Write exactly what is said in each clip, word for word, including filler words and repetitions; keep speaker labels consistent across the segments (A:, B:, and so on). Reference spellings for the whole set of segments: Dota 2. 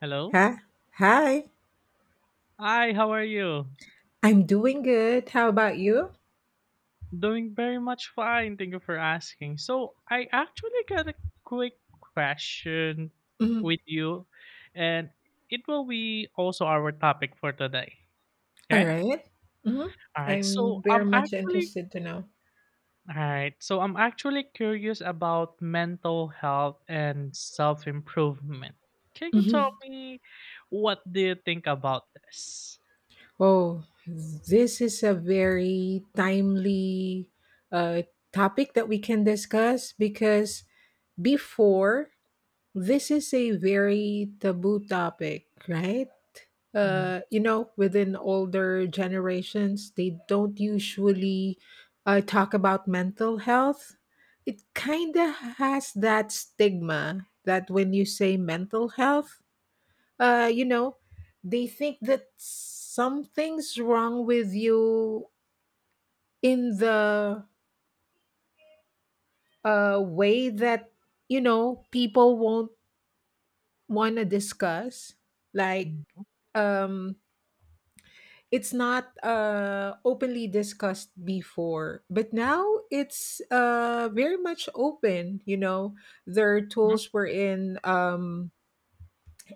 A: Hello.
B: Hi. Hi.
A: Hi, how are you?
B: I'm doing good. How about you?
A: Doing very much fine. Thank you for asking. So, I actually got a quick question
B: Mhm.
A: with you, and it will be also our topic for today.
B: All
A: Okay?
B: right. Mhm.
A: All right. So,
B: I'm very
A: I'm
B: much
A: actually
B: interested to know.
A: All right. So, I'm actually curious about mental health and self-improvement. Can you tell
B: Mhm.
A: me what do you think about this?
B: Oh, this is a very timely uh, topic that we can discuss because before. This is a very taboo topic, right?
A: Mhm,
B: Uh, you know, within older generations, they don't usually uh, talk about mental health. It kind of has that stigma that when you say mental health, uh, you know, they think that something's wrong with you in the uh, way that, you know, people won't want to discuss. Like,
A: mhm,
B: um it's not uh openly discussed before, but now it's uh very much open. You know there are
A: mhm,
B: tools wherein, um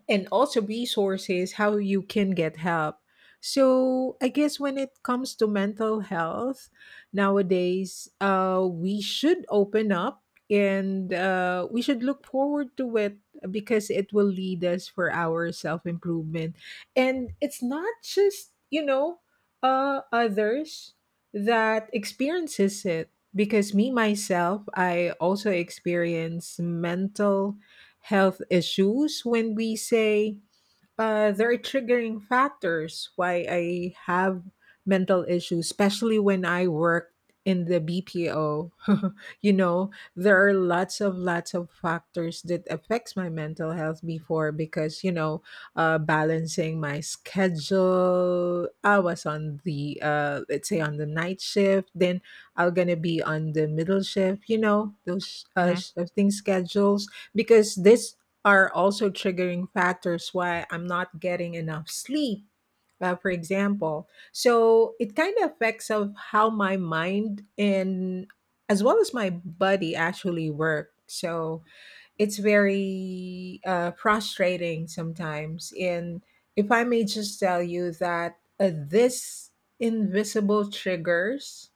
B: and also resources how you can get help. So, I guess when it comes to mental health nowadays, uh, we should open up, and uh, we should look forward to it, because it will lead us for our self improvement. And it's not just, you know, uh, others that experiences it, because me myself I also experience mental health issues. When we say, uh, there are triggering factors why I have mental issues, especially when I worked in the B P O. You know, there are lots of lots of factors that affects my mental health before because, you know, uh, balancing my schedule. I was on the, uh, let's say, on the night shift, then I'm gonna be on the middle shift. You know, those uh,
A: mhm,
B: shifting schedules, because this are also triggering factors why I'm not getting enough sleep, uh, for example. So it kind of affects of how my mind and as well as my body actually work. So it's very uh, frustrating sometimes. And if I may just tell you that, uh, this invisible triggers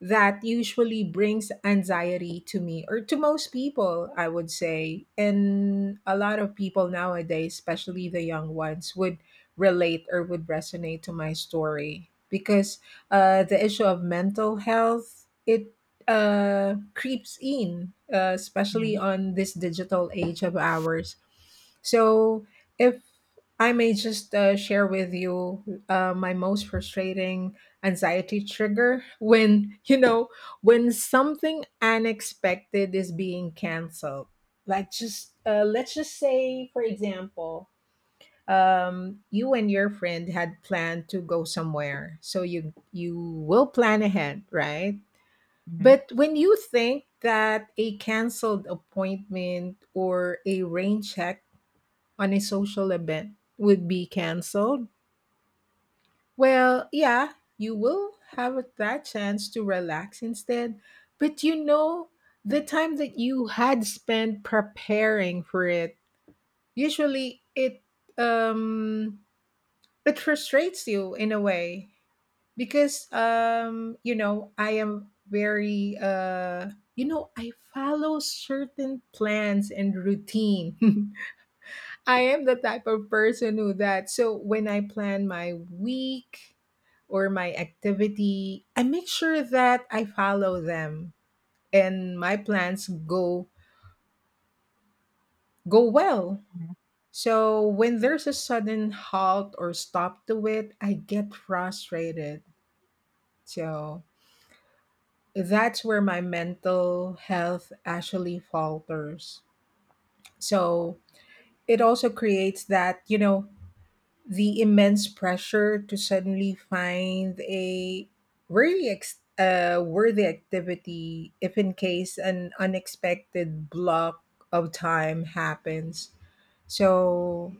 B: that usually brings anxiety to me or to most people, I would say, and a lot of people nowadays, especially the young ones, would relate or would resonate to my story, because uh, the issue of mental health, it uh, creeps in, uh, especially
A: mhm,
B: on this digital age of ours. So if I may just uh, share with you uh, my most frustrating anxiety trigger, when you know when something unexpected is being canceled, like, just uh, let's just say, for example, um, you and your friend had planned to go somewhere, so you you will plan ahead, right?
A: mhm,
B: But when you think that a canceled appointment or a rain check on a social event would be canceled, well, yeah, you will have that chance to relax instead. But, you know, the time that you had spent preparing for it, usually it um it frustrates you in a way, because um you know, I am very. uh you know, I follow certain plans and routine. I am the type of person who that. So when I plan my week or my activity, I make sure that I follow them, and my plans go go well.
A: mhm,
B: So when there's a sudden halt or stop to it, I get frustrated. So that's where my mental health actually falters. So it also creates that, you know, the immense pressure to suddenly find a really ex- uh, worthy activity if in case an unexpected block of time happens. So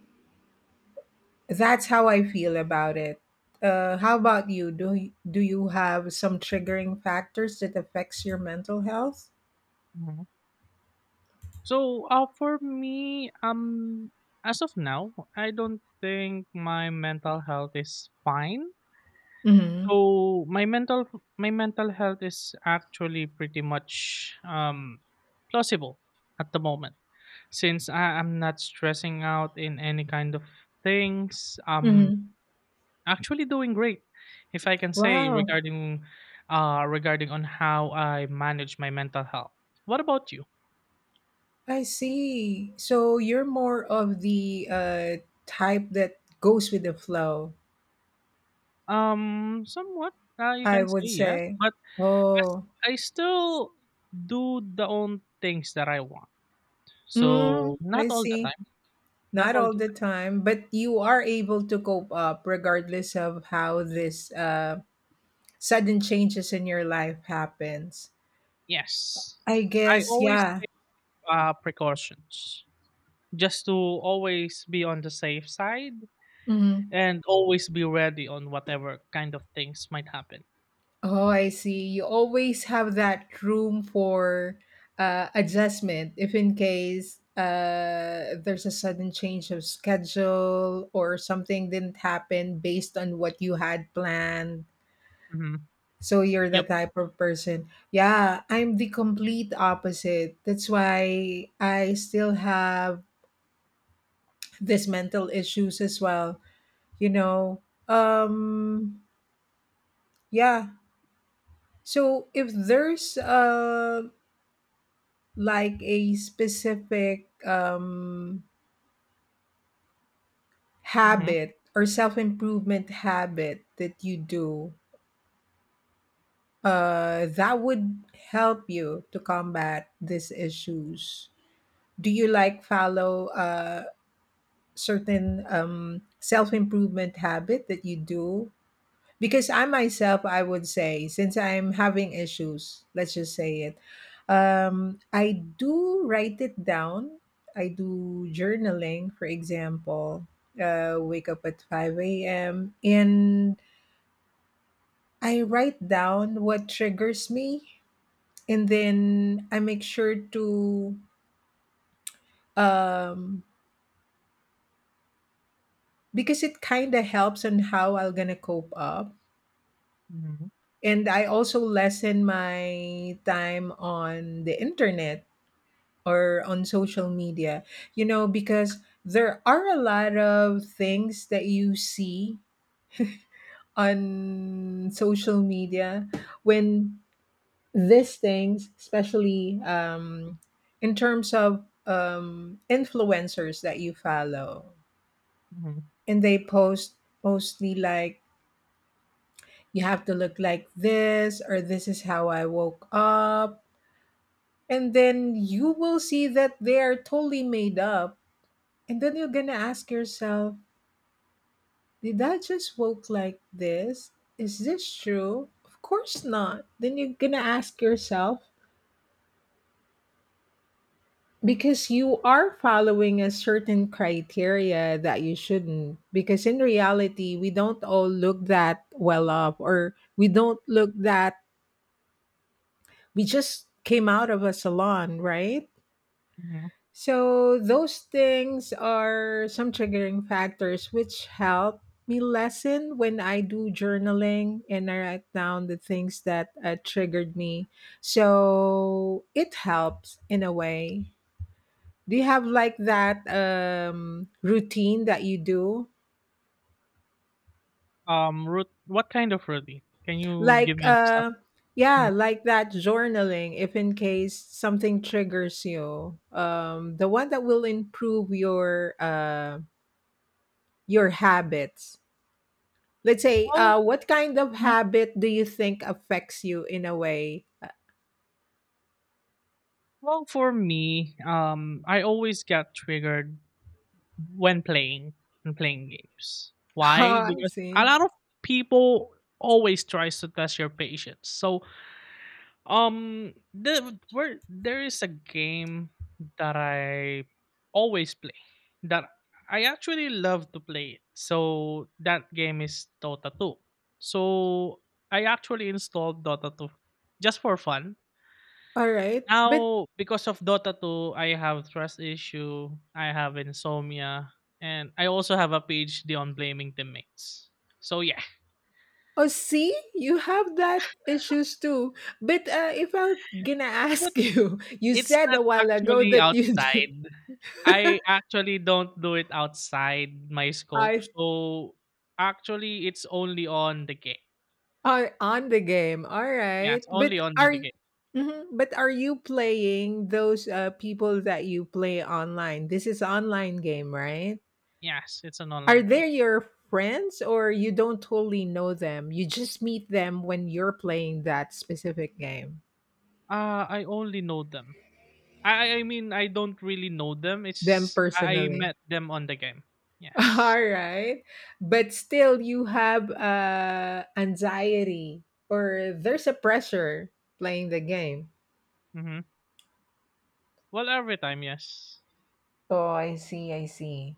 B: that's how I feel about it. Uh, how about you? Do y- do you have some triggering factors that affects your mental health?
A: mhm. So, uh, for me, um, as of now, I don't think my mental health is fine.
B: Mm-hmm.
A: So my mental my mental health is actually pretty much um plausible at the moment since I am not stressing out in any kind of things. I'm
B: Mm-hmm.
A: actually doing great, if I can say
B: Wow,
A: regarding uh regarding on how I manage my mental health. What about you?
B: I see. So you're more of the uh, type that goes with the flow.
A: Um, somewhat, uh, you
B: I
A: can say
B: would
A: yes,
B: say,
A: but as
B: "Oh,
A: I still do the own things that I want. So
B: mm,
A: not
B: I
A: all the
B: see."
A: time, not
B: Not
A: all
B: all
A: the
B: the
A: time.
B: time, but you are able to cope up regardless of how this uh, sudden changes in your life happens.
A: Yes,
B: I
A: I
B: guess,
A: always
B: yeah.
A: take uh, precautions just to always be on the safe side
B: Mhm.
A: and always be ready on whatever kind of things might happen.
B: Oh, I see. You always have that room for uh, adjustment if in case uh, there's a sudden change of schedule or something didn't happen based on what you had planned.
A: Mm-hmm.
B: So you're the
A: Yep.
B: type of person. Yeah, I'm the complete opposite. That's why I still have this mental issues as well, you know. Um yeah. So if there's, uh like, a specific um
A: Mm-hmm.
B: habit or self-improvement habit that you do, uh that would help you to combat these issues, do you like follow uh certain, um, self-improvement habit that you do? Because I myself, I would say, since I'm having issues, let's just say it, um, I do write it down. I do journaling, for example. Uh, wake up at five a m a.m, and I write down what triggers me, and then I make sure to, um, because it kind of helps on how I'm gonna cope up.
A: Mm-hmm.
B: And I also lessen my time on the internet or on social media, you know, because there are a lot of things that you see on social media, when these things, especially, um, in terms of, um, influencers that you follow,
A: Mm-hmm.
B: and they post mostly like, you have to look like this, or this is how I woke up, and then you will see that they are totally made up, and then you're gonna ask yourself, did I just woke like this, is this true? Of course not. Then you're gonna ask yourself, because you are following a certain criteria that you shouldn't, because in reality we don't all look that well up, or we don't look that we just came out of a salon, right?
A: Mm-hmm.
B: So those things are some triggering factors which help me lessen when I do journaling, and I write down the things that uh, triggered me. So it helps in a way. Do you have like that, um, routine that you do?
A: Um, root. What kind of routine? Can you give
B: Like,
A: me an example?
B: uh, yeah,
A: Mhm.
B: like that journaling, if in case something triggers you, um, the one that will improve your uh, your habits, let's say,
A: Well,
B: uh, what kind of habit do you think affects you in a way.
A: Well, for me, um, I always get triggered when playing and playing games. Why?
B: Oh, I
A: Because a
B: see.
A: lot of people always tries to test your patience. So, um, the, where there is a game that I always play that I actually love to play it. So that game is Dota two. So I actually installed Dota two just for fun
B: All right. But,
A: now, because of Dota two, I have trust issue, I have insomnia, and I also have a PhD on blaming teammates. So yeah,
B: oh, see, you have that issues too. But, uh, if I'm gonna
A: but
B: ask you. You
A: it's
B: said a
A: not
B: while ago
A: actually
B: that you do.
A: outside. I actually don't do it outside my scope.
B: I
A: So actually, it's only on the game.
B: are on the game. All
A: Yes,
B: right.
A: only
B: But
A: on the
B: are.
A: game.
B: Mhm. But are you playing those, uh, people that you play online? This is online game, right?
A: Yes, it's an
B: Are
A: online game.
B: they your friends, or you don't totally know them? You just meet them when you're playing that specific game,
A: Uh, I only know them. I I mean I don't really know them.
B: them
A: It's I
B: personally.
A: met them on the game. Yes.
B: All right. But still, you have, uh, anxiety, or there's a pressure playing the game.
A: Mhm. Well, every time, yes.
B: Oh, I see. I see.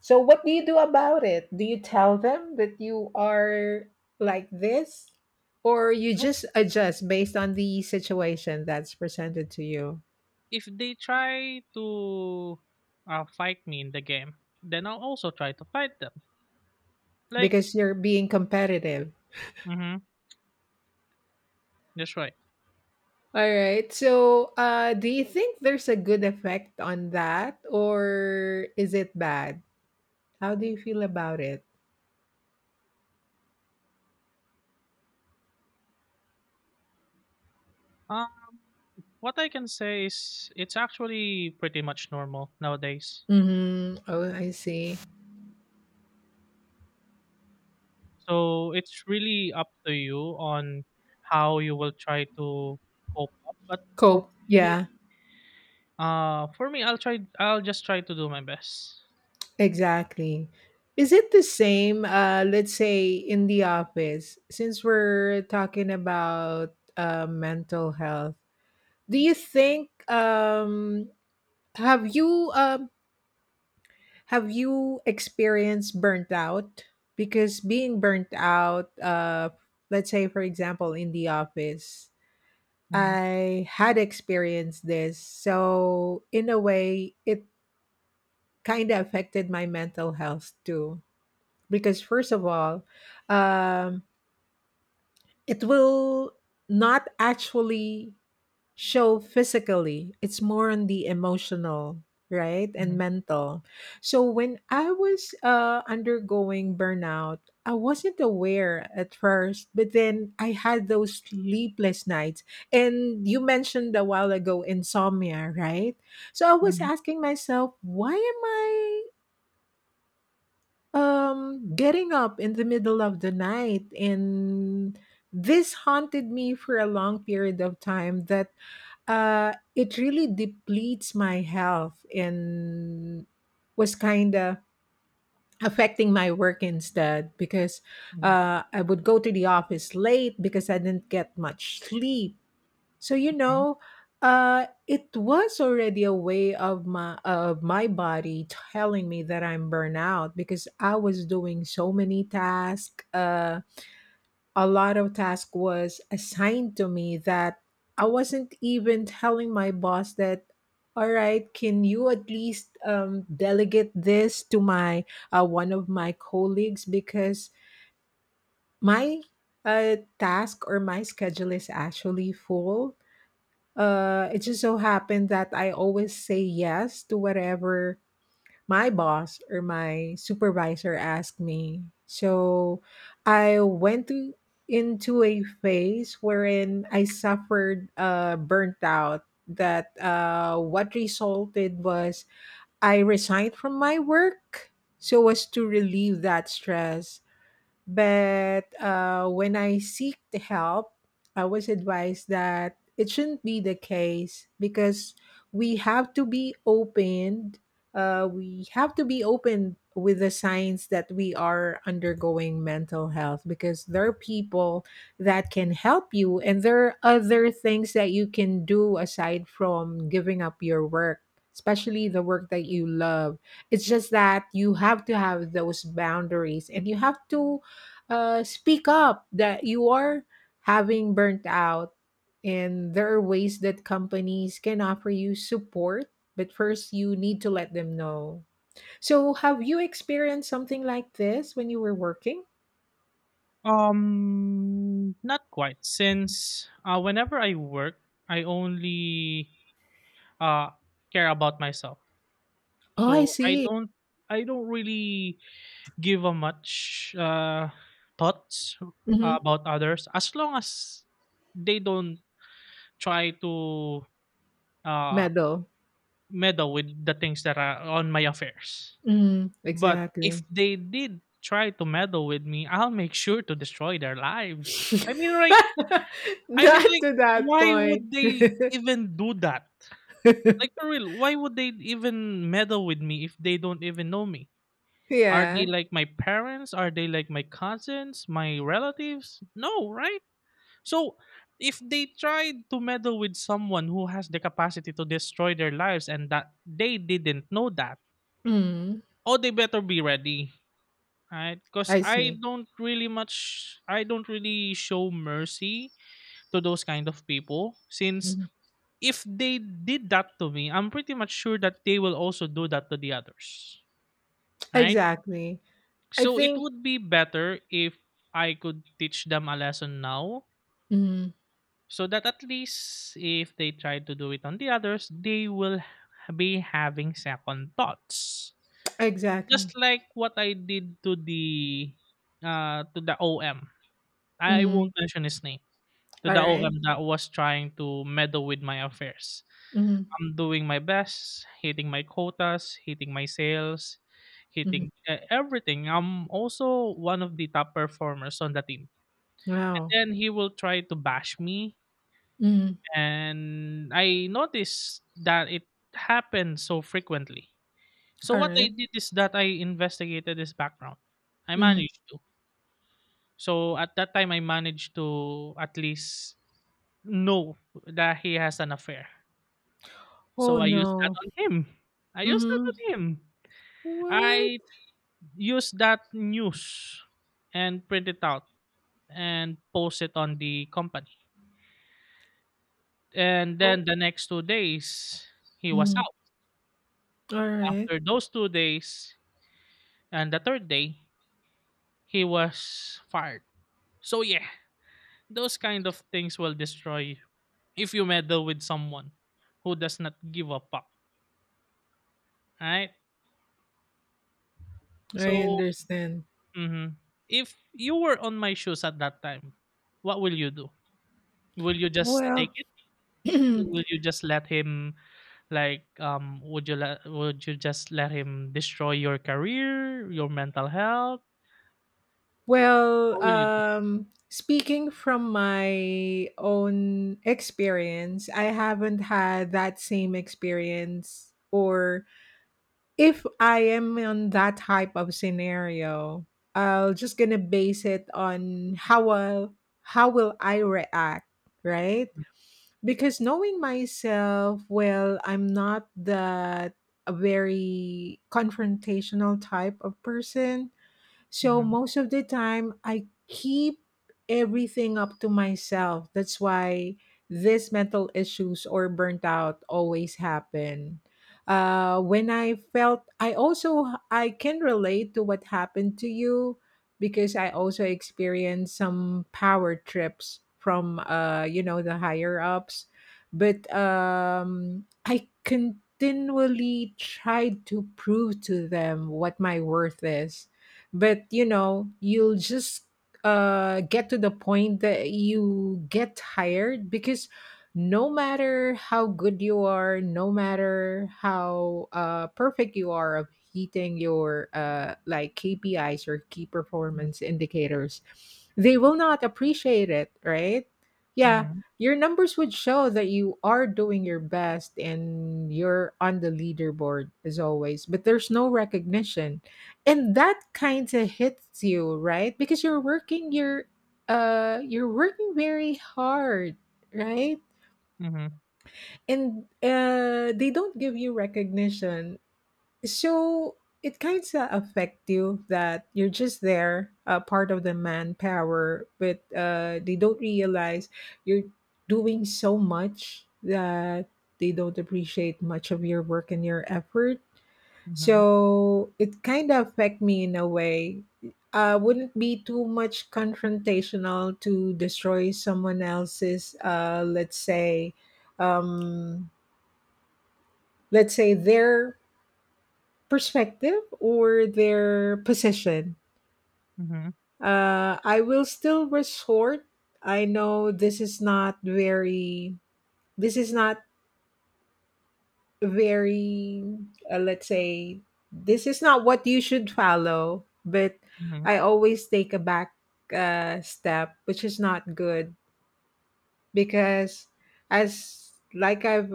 B: So, what do you do about it? Do you tell them that you are like this? Or you
A: Nope.
B: just adjust based on the situation that's presented to you?
A: If they try to uh, fight me in the game, then I'll also try to fight them. Like,
B: Because you're being competitive.
A: mm-hmm, that's right.
B: All right. So, uh, do you think there's a good effect on that, or is it bad? How do you feel about it?
A: Um, what I can say is it's actually pretty much normal nowadays.
B: Mm-hmm. Oh, I see.
A: So it's really up to you on how you will try to cope up. But for
B: Cope.
A: me,
B: Yeah.
A: uh, for me, I'll try. I'll just try to do my best.
B: Exactly. Is it the same, uh, let's say, in the office, since we're talking about uh, mental health? Do you think, um, have you um, have you experienced burnt out? Because being burnt out, uh, let's say, for example, in the office,
A: Hmm.
B: I had experienced this. So, in a way, it kind of affected my mental health too. Because first of all, um, it will not actually show physically, it's more on the emotional, right, and
A: Hmm.
B: mental. So when I was uh, undergoing burnout, I wasn't aware at first, but then I had those sleepless nights, and you mentioned a while ago insomnia, right? So I was asking myself, why am I Um, getting up in the middle of the night, and this haunted me for a long period of time. That uh, it really depletes my health, and was kind of affecting my work instead, because
A: Hmm.
B: uh, I would go to the office late because I didn't get much sleep. So, you know, uh, it was already a way of my of my body telling me that I'm burnout, because I was doing so many tasks. Uh, a lot of task was assigned to me that I wasn't even telling my boss that. All right, can you at least um, delegate this to my uh, one of my colleagues, because my uh, task or my schedule is actually full. Uh, it just so happened that I always say yes to whatever my boss or my supervisor asked me. So I went to into a phase wherein I suffered uh, burnt out. That uh, What resulted was I resigned from my work so as to relieve that stress. But, uh, when I seek the help, I was advised that it shouldn't be the case, because we have to be open. Uh, we have to be open with the signs that we are undergoing mental health, because there are people that can help you, and there are other things that you can do aside from giving up your work, especially the work that you love. It's just that you have to have those boundaries, and you have to uh, speak up that you are having burnt out. And there are ways that companies can offer you support, but first you need to let them know. So, have you experienced something like this when you were working?
A: Um, not quite. Since uh, whenever I work, I only uh care about myself.
B: Oh, I
A: So I
B: see.
A: don't, I don't really give a much uh thoughts
B: Mm-hmm.
A: about others as long as they don't try to uh
B: Medal.
A: meddle with the things that are on my affairs.
B: Mm,
A: But if
B: exactly.
A: they did try to meddle with me, I'll make sure to destroy their lives. I mean, like I mean,
B: Not
A: like,
B: to that
A: why
B: point.
A: would they even do that? Like, for real, why would they even meddle with me if they don't even know me? Are they
B: Yeah.
A: like my parents? Are they like my cousins, my relatives? No, right? So, if they tried to meddle with someone who has the capacity to destroy their lives and that they didn't know that,
B: Mm,
A: oh, they better be ready. Right? Because
B: I
A: I
B: see.
A: don't really much, I don't really show mercy to those kind of people since
B: Mhm.
A: if they did that to me, I'm pretty much sure that they will also do that to the others, right?
B: Exactly. I
A: So it
B: think.
A: would be better if I could teach them a lesson now
B: Mm,
A: so that at least if they try to do it on the others, they will h- be having second thoughts.
B: exactly.
A: Just like what I did to the uh to the O M. I won't mention his name. To the
B: Alright.
A: O M that was trying to meddle with my affairs.
B: Mhm,
A: I'm doing my best, hitting my quotas, hitting my sales,
B: mhm.
A: hitting e everything. I'm also one of the top performers on the team. And
B: Wow.
A: then he will try to bash me,
B: Mhm.
A: and I noticed that it happened so frequently. So what I
B: Alright.
A: did is that I investigated his background. I
B: Mhm.
A: managed to. So at that time I managed to at least know that he has an affair.
B: Oh,
A: So I used that
B: no.
A: on him. I used that
B: Mhm.
A: on him.
B: What?
A: I used that news and print it out and post it on the company. And
B: Oh.
A: then the next two days, he was
B: Mhm.
A: out.
B: Alright.
A: After those two days and the third day, he was fired. So, yeah, those kind of things will destroy you if you meddle with someone who does not give a fuck, right?
B: I
A: So,
B: understand.
A: mhm. If you were on my shoes at that time, what will you do? Will you just take
B: Well
A: it? Will you just let him like um would you let would you just let him destroy your career, your mental health?
B: well,
A: What will you do?
B: um, speaking from my own experience, I haven't had that same experience or if I am on that type of scenario, I'll just gonna base it on how will how will I react, right? Because knowing myself, well, I'm not that a very confrontational type of person. So
A: Mhm,
B: most of the time, I keep everything up to myself. That's why these mental issues or burnt out always happen. Uh, when I felt, I also I can relate to what happened to you because I also experienced some power trips from uh, you know, the higher ups, but um, I continually tried to prove to them what my worth is, but you know you'll just uh get to the point that you get tired because no matter how good you are, no matter how uh perfect you are of hitting your uh like K P Is or key
A: mhm,
B: performance indicators, they will not appreciate it, right? Yeah.
A: mhm,
B: Your numbers would show that you are doing your best and you're on the leaderboard as always, but there's no recognition, and that kind of hits you, right? Because you're working, you're uh you're working very hard, right?
A: mhm,
B: And uh they don't give you recognition. So it kind of affect you that you're just there, uh, part of the manpower, but uh they don't realize you're doing so much that they don't appreciate much of your work and your effort.
A: mhm,
B: So it kind of affect me in a way. Uh, wouldn't be too much confrontational to destroy someone else's, uh, let's say, um, let's say their perspective or their position.
A: mhm,
B: Uh, I will still resort. I know this is not very. This is not very, uh, let's say this is not what you should follow, but
A: mhm,
B: I always take a back uh, step, which is not good because as like i've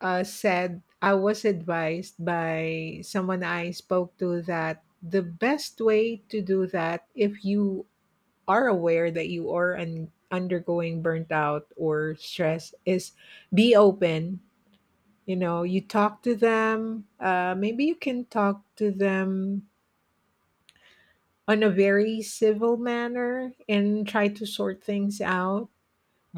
B: uh, said I was advised by someone I spoke to that the best way to do that, if you are aware that you are un- undergoing burnt out or stress, is be open. You know, you talk to them. Uh, maybe you can talk to them on a very civil manner and try to sort things out,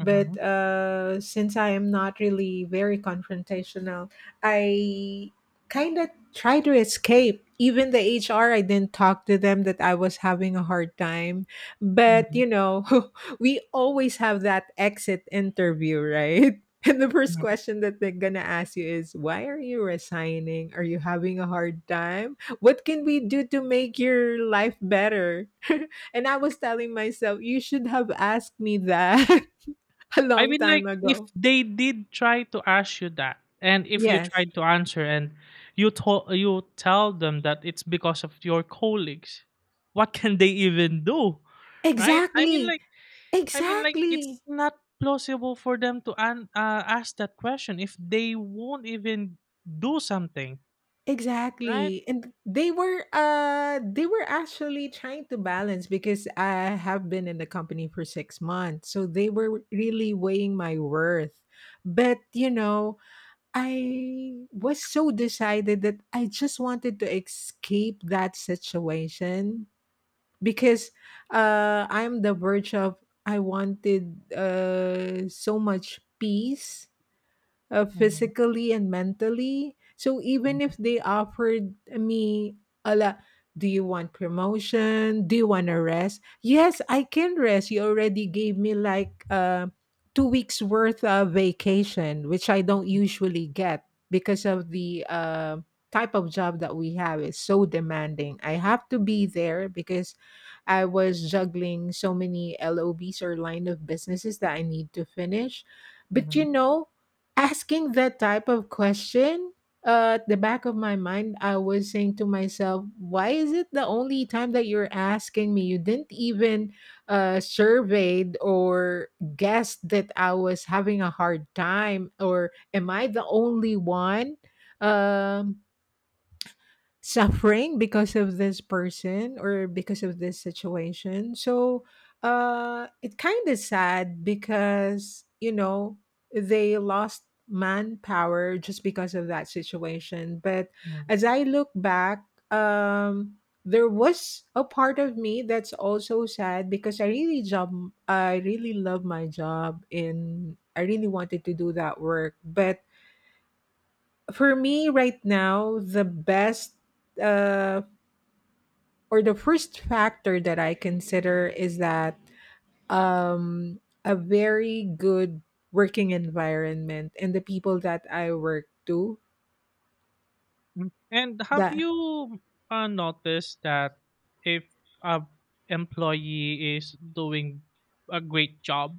B: but uh, since I am not really very confrontational, I kind of try to escape. Even the H R, I didn't talk to them that I was having a hard time. But
A: mhm,
B: you know, we always have that exit interview, right? And the first
A: mhm.
B: question that they're gonna ask you is, "Why are you resigning? Are you having a hard time? What can we do to make your life better?" and I was telling myself, "You should have asked me that. A
A: I
B: long
A: mean,
B: time
A: like if
B: ago."
A: they did try to ask you that and if you
B: Yes.
A: tried to answer and you told you tell them that it's because of your colleagues, what can they even do? Right? I mean
B: Exactly.
A: like I mean, like it's
B: Exactly.
A: not plausible for them to an- uh, ask that question if they won't even do something, right?
B: Exactly. And they were uh they were actually trying to balance because I have been in the company for six months. So they were really weighing my worth. But, you know, I was so decided that I just wanted to escape that situation because uh, I'm the verge of, I wanted uh, so much peace, uh,
A: Mhm,
B: physically and mentally. So even if
A: mhm,
B: they offered me a la, do you want promotion? Do you want to rest? Yes, I can rest. You already gave me like uh, two weeks worth of vacation, which I don't usually get because of the uh, type of job that we have is so demanding. I have to be there because I was juggling so many L O Bs or line of businesses that I need to finish.
A: mhm,
B: But you
A: mhm,
B: know, asking that type of question, uh, at the back of my mind I was saying to myself, why is it the only time that you're asking me? You didn't even uh, surveyed or guessed that I was having a hard time, or am I the only one um suffering because of this person or because of this situation. So uh it kind of sad because, you know, they lost manpower just because of that situation. But
A: mhm.
B: as I look back, um there was a part of me that's also sad because I really job I really love my job and I really wanted to do that work. But for me right now, the best uh or the first factor that I consider is that um, a very good working environment and the people that I work to
A: And have
B: that.
A: you uh, noticed that if a employee is doing a great job,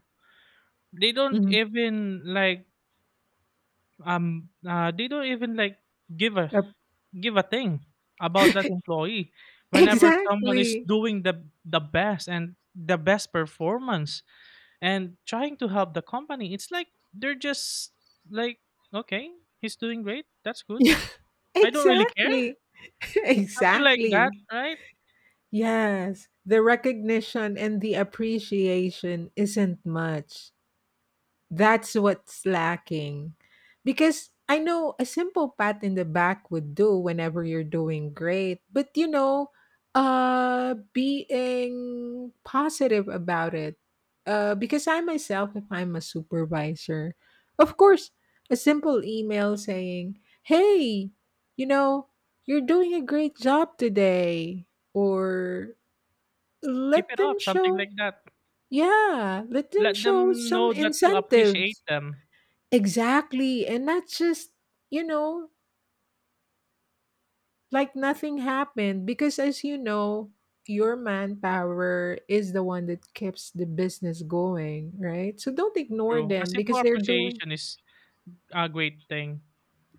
A: they don't
B: Mhm.
A: even like um uh, they don't even like give a
B: Yep.
A: give a thing about that employee whenever someone is
B: exactly.
A: doing the the best and the best performance and trying to help the company? It's like they're just like okay, he's doing great, that's good,
B: Yeah.
A: I don't really care,
B: exactly.
A: something like that,
B: exactly.
A: right?
B: Yes, the recognition and the appreciation isn't much. That's what's lacking. Because I know a simple pat in the back would do whenever you're doing great, but you know, uh being positive about it. Uh because I myself, if I'm a supervisor, of course, a simple email saying, "Hey, you know, you're doing a great job today." Or
A: Keep
B: let
A: it
B: them
A: up, something
B: show,
A: like that.
B: yeah, let them
A: Let
B: show
A: them
B: some
A: know that you appreciate
B: incentives.
A: them.
B: Exactly. And not just, you know, like nothing happened. Because as you know, your manpower is the one that keeps the business going, right? So don't ignore
A: True, a
B: them
A: simple
B: because they're doing,
A: appreciation is a great thing.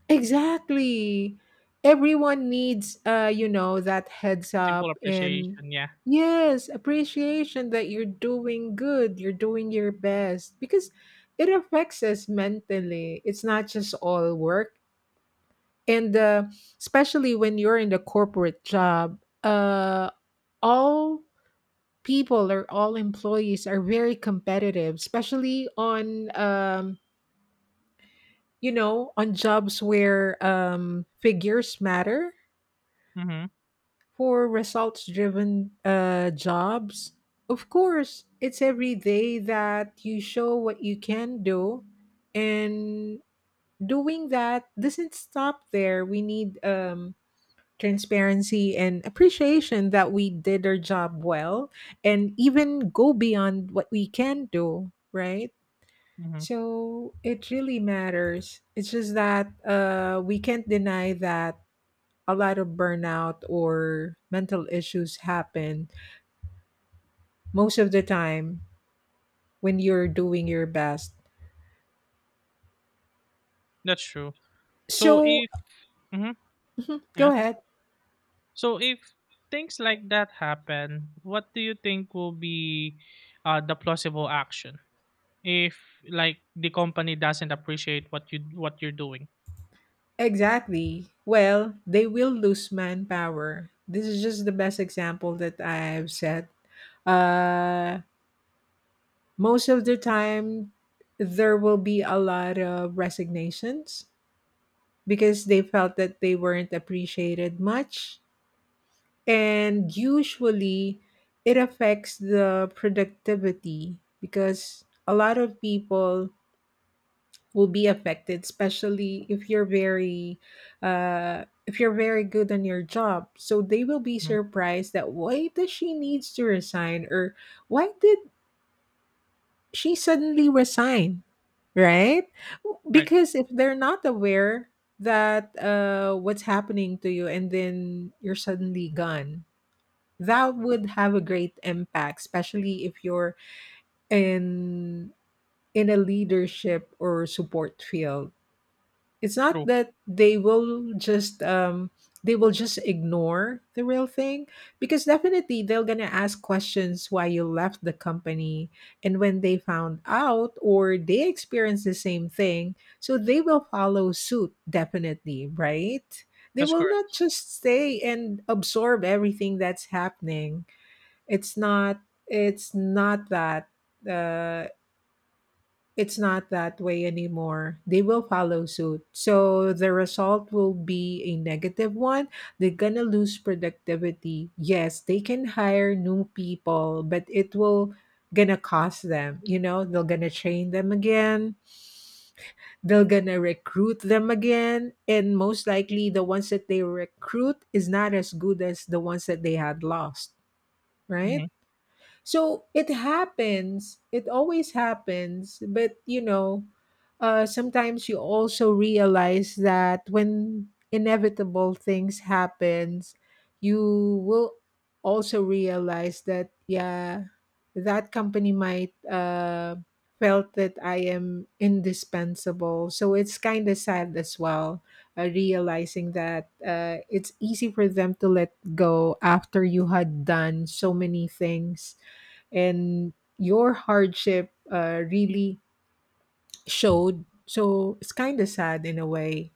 B: exactly. Everyone needs, uh, you know, that heads
A: Simple
B: up and
A: appreciation, yeah.
B: yes, appreciation that you're doing good, you're doing your best because it affects us mentally. It's not just all work, and uh, especially when you're in the corporate job, uh, all people or all employees are very competitive, especially on um, you know, on jobs where um, figures matter.
A: Mm-hmm,
B: For results driven uh, jobs, of course it's every day that you show what you can do, and doing that doesn't stop there. We need um, transparency and appreciation that we did our job well and even go beyond what we can do, right?
A: mm-hmm.
B: So it really matters. It's just that uh, we can't deny that a lot of burnout or mental issues happen most of the time when you're doing your best.
A: That's true. So
B: So
A: if Mm-hmm,
B: go
A: yeah.
B: ahead.
A: So if things like that happen, what do you think will be uh, the plausible action if like the company doesn't appreciate what you what you're doing?
B: Exactly. Well, they will lose manpower. This is just the best example that I've set. Uh, Most of the time, there will be a lot of resignations because they felt that they weren't appreciated much. And usually, it affects the productivity because a lot of people will be affected, especially if you're very uh if you're very good on your job, so they will be
A: Mhm.
B: surprised that why does she needs to resign, or why did she suddenly resign, right?
A: Right.
B: Because if they're not aware that uh what's happening to you, and then you're suddenly gone, that would have a great impact, especially if you're in in a leadership or support field. It's not
A: True.
B: that they will just um they will just ignore the real thing because definitely they're going to ask questions why you left the company, and when they found out or they experience the same thing, so they will follow suit, definitely, right? They
A: That's
B: will
A: correct.
B: not just stay and absorb everything that's happening. it's not it's not that uh it's not that way anymore. They will follow suit. So the result will be a negative one. They're going to lose productivity. Yes, they can hire new people, but it will going to cost them, you know, they're going to train them again. They're going to recruit them again, and most likely the ones that they recruit is not as good as the ones that they had lost, right?
A: Hmm.
B: So it happens. It always happens. But you know, uh, sometimes you also realize that when inevitable things happens, you will also realize that yeah, that company might uh, felt that I am indispensable. So it's kind of sad as well, uh, realizing that uh, it's easy for them to let go after you had done so many things and your hardship uh, really showed. So it's kind of sad in a way,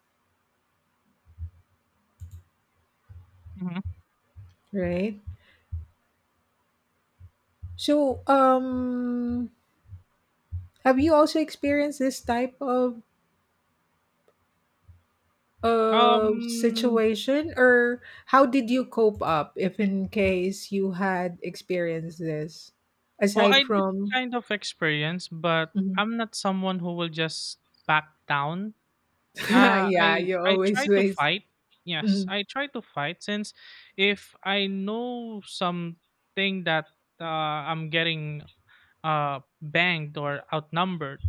A: Hmm.
B: right? So, um, have you also experienced this type of of
A: Um.
B: situation, or how did you cope up if in case you had experienced this?
A: Well,
B: Aside
A: I did
B: from,
A: kind of experience, but
B: mhm.
A: I'm not someone who will just back down. Uh,
B: yeah,
A: I
B: you
A: I
B: always
A: try to
B: waste.
A: fight. Yes,
B: Mhm.
A: I try to fight since if I know something that uh, I'm getting uh, banged or outnumbered,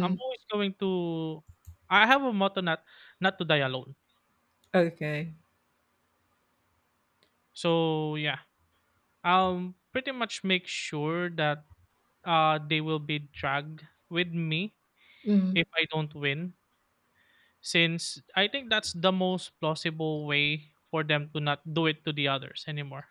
A: I'm always going to I have a motto not not to die alone.
B: Okay.
A: So yeah, I'll pretty much make sure that uh, they will be dragged with me
B: Mm-hmm.
A: if I don't win, since I think that's the most plausible way for them to not do it to the others anymore.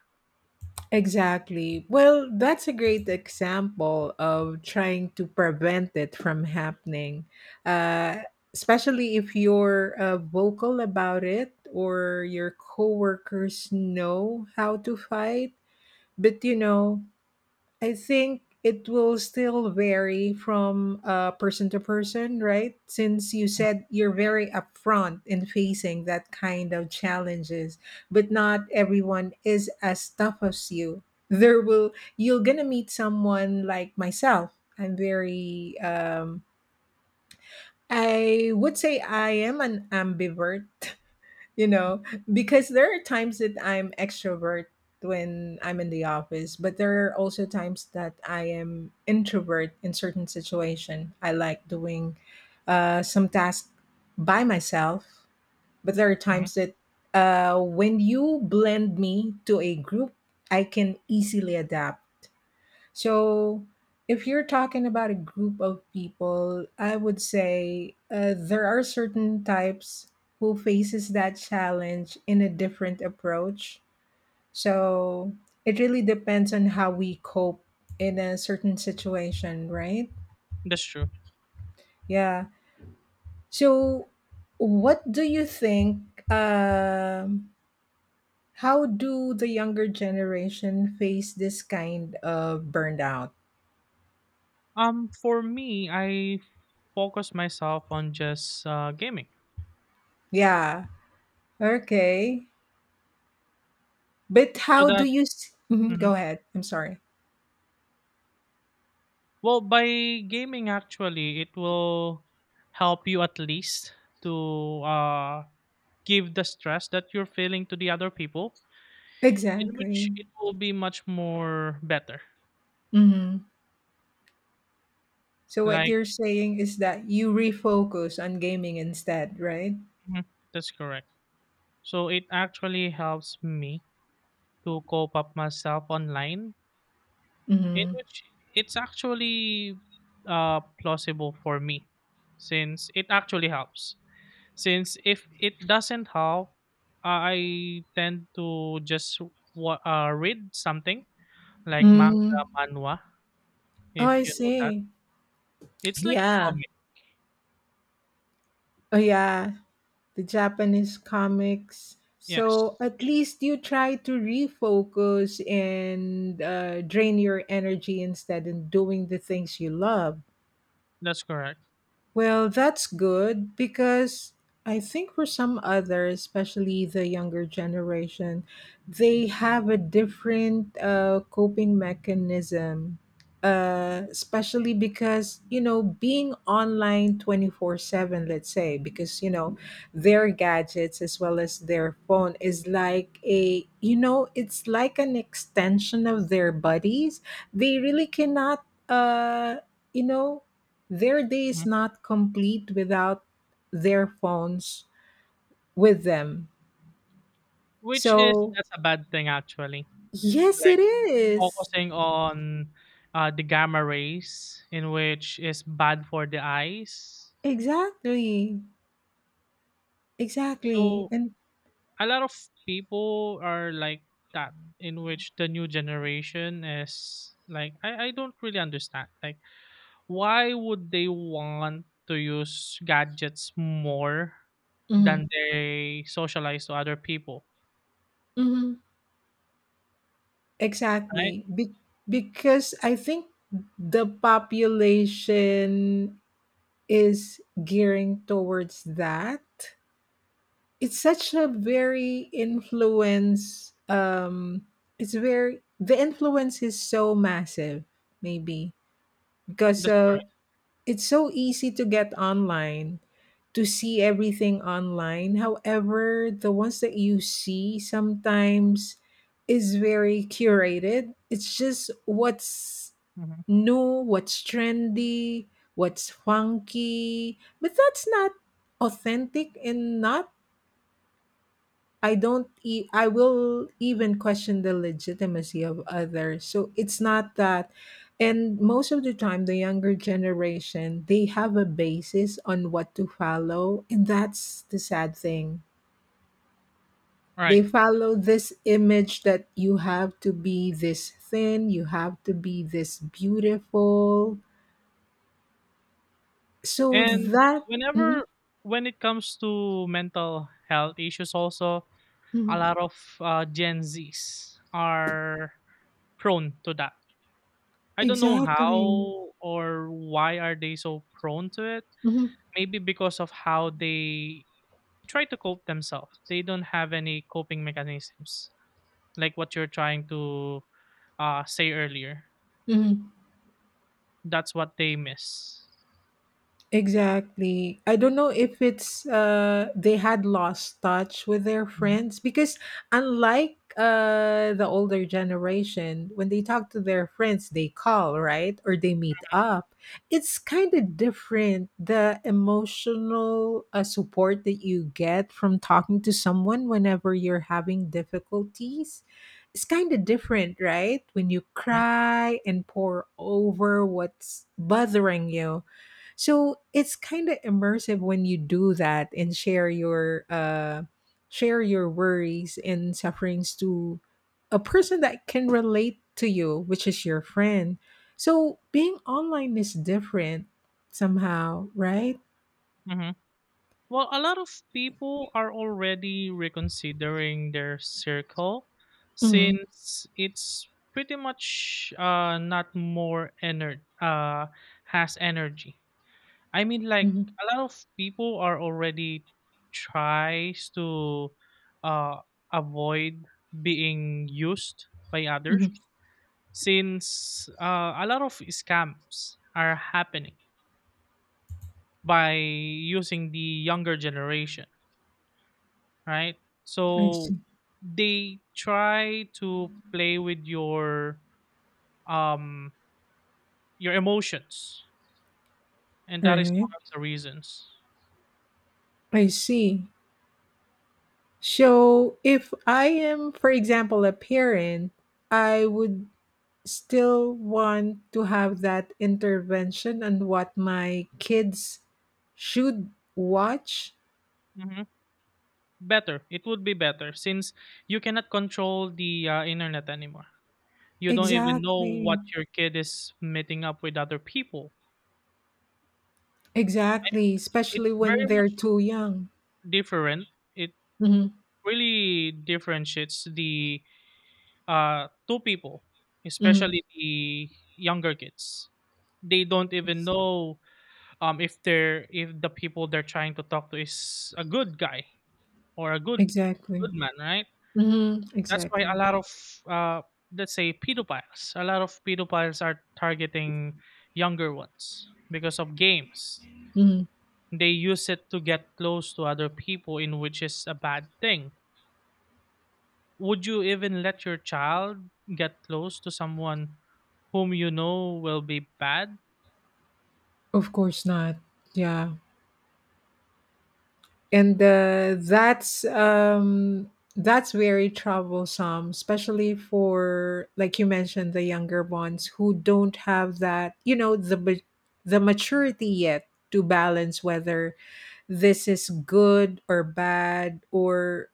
B: Exactly. Well, that's a great example of trying to prevent it from happening, uh, especially if you're uh, vocal about it or your coworkers know how to fight. But you know, I think it will still vary from uh, person to person, right? Since you said you're very upfront in facing that kind of challenges, but not everyone is as tough as you. There will you're gonna meet someone like myself. I'm very um, I would say I am an ambivert. you know because there are times that I'm extrovert when I'm in the office, but there are also times that I am introvert. In certain situation I like doing uh, some tasks by myself, but there are
A: Mhm.
B: times that uh, when you blend me to a group I can easily adapt. So, if you're talking about a group of people, I would say uh, there are certain types who faces that challenge in a different approach. So, it really depends on how we cope in a certain situation, right?
A: That's true.
B: Yeah. So, what do you think, um how do the younger generation face this kind of burnout?
A: Um, for me, I focus myself on just uh, gaming,
B: Yeah. Okay. But
A: so
B: how do
A: that.
B: you s mhm,
A: Mhm.
B: go ahead. I'm sorry.
A: Well, by gaming actually, it will help you at least to uh, give the stress that you're feeling to the other people, in which
B: Exactly.
A: it will be much more better.
B: Mhm. So what
A: Like
B: you're saying is that you refocus on gaming instead, right?
A: mhm, that's correct. So it actually helps me to cope up myself online, in
B: Mhm.
A: which it's actually uh, plausible for me, since it actually helps. Since if it doesn't how I tend to just wa- uh, read something like manga,
B: Mm.
A: manhwa,
B: Oh,
A: if
B: I
A: you know that,
B: see.
A: it's like a
B: Yeah.
A: comic.
B: Oh, yeah. The Japanese comics.
A: Yes,
B: So at least you try to refocus and uh, drain your energy instead in doing the things you love.
A: that's correct.
B: Well, that's good because I think for some others, especially the younger generation, they have a different uh, coping mechanism. Uh, especially because you know being online twenty-four seven, let's say, because you know their gadgets as well as their phone is like a, you know it's like an extension of their bodies. They really cannot uh you know their day is
A: Mhm.
B: not complete without their phones with them.
A: Which is
B: So,
A: that's a bad thing actually,
B: yes,
A: like
B: it is.
A: focusing on uh, the gamma rays in which is bad for the eyes.
B: Exactly. Exactly.
A: So
B: And
A: a lot of people are like that, in which the new generation is like I, I don't really understand like why would they want to use gadgets more than
B: mhm,
A: they socialize to other people,
B: mhm,
A: right?
B: exactly. Be- because I think the population is gearing towards that. It's such a very influence. Um, it's very, the influence is so massive, maybe. Because
A: That's
B: uh,
A: correct.
B: it's so easy to get online, to see everything online. However, the ones that you see sometimes is very curated. It's just what's
A: Mhm.
B: new, what's trendy, what's funky, but that's not authentic, and not, I don't e- I will even question the legitimacy of others. So it's not that. And most of the time the younger generation, they have a basis on what to follow, and that's the sad thing.
A: Right.
B: They follow this image that you have to be this thin, you have to be this beautiful. So
A: And
B: that. Mhm,
A: whenever when it comes to mental health issues also, a
B: mhm,
A: lot of uh, Gen Z's are prone to that. I don't know. Mm. How
B: exactly.
A: or why are they so prone to it?
B: Mhm,
A: Maybe because of how they try to cope themselves. They don't have any coping mechanisms, like what you're trying to uh, say earlier.
B: mhm.
A: That's what they miss.
B: Exactly. I don't know if it's uh they had lost touch with their
A: Mhm,
B: friends, because unlike uh the older generation, when they talk to their friends, they call, right? Or they meet up. It's kind of different, the emotional uh, support that you get from talking to someone whenever you're having difficulties. It's kind of different, right? When you
A: mhm,
B: cry and pour over what's bothering you, so it's kind of immersive when you do that and share your uh, share your worries and sufferings to a person that can relate to you, which is your friend. So being online is different somehow, right?
A: mhm. Well, a lot of people are already reconsidering their circle
B: Mm-hmm.
A: since it's pretty much uh, not more ener- uh, has energy. I mean, like
B: Hmm.
A: a lot of people are already tries to uh, avoid being used by others
B: Hmm.
A: since uh, a lot of scams are happening by using the younger generation, right?
B: I
A: So
B: see.
A: they try to play with your um your emotions, and
B: All
A: that is
B: right.
A: one of the reasons.
B: I see. So if I am, for example, a parent, I would still want to have that intervention on what my kids should watch.
A: Mhm. Better. It would be better since you cannot control the, uh, internet anymore. You don't even know what
B: Exactly.
A: your kid is meeting up with other people.
B: Exactly. Especially
A: It's very
B: when they're
A: much
B: too young.
A: different. It
B: Hmm.
A: really differentiates the, uh, two people,
B: Hmm.
A: especially the younger kids. They don't even know, um, if they're if the people they're trying to talk to is a good guy or a good good
B: Exactly.
A: man, right?
B: Hmm.
A: That's why a
B: Exactly.
A: lot of uh, let's say pedophiles, a lot of pedophiles are targeting younger ones because of games.
B: Hmm.
A: They use it to get close to other people, in which is a bad thing. Would you even let your child get close to someone whom you know will be bad?
B: Of course not. Yeah. And uh, that's um that's very troublesome, especially for, like you mentioned, the younger ones who don't have that, you know the ma- the maturity yet to balance whether this is good or bad, or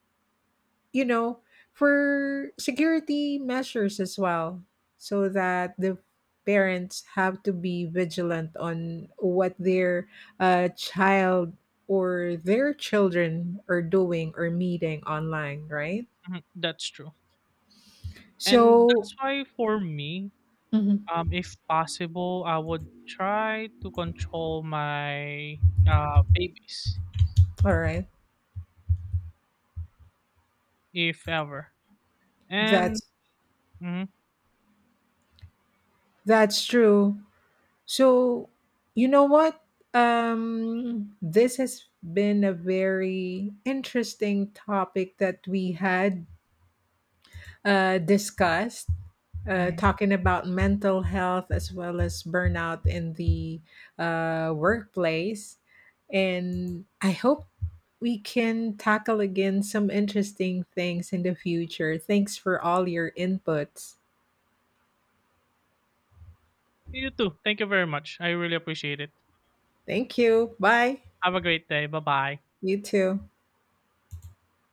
B: you know, for security measures as well, so that the parents have to be vigilant on what their uh, child or their children are doing or meeting online, right?
A: Mhm, that's true. And
B: So,
A: that's why for me,
B: Mhm.
A: um, if possible, I would try to control my uh, babies
B: All right,
A: if ever. And
B: that's
A: mhm,
B: that's true. So, you know what? Um, this has been a very interesting topic that we had uh, discussed. Uh,
A: mhm.
B: talking about mental health as well as burnout in the uh, workplace. And I hope we can tackle again some interesting things in the future. Thanks for all your inputs.
A: You too. Thank you very much. I really appreciate it.
B: Thank you. Bye.
A: Have a great day. Bye bye.
B: You too.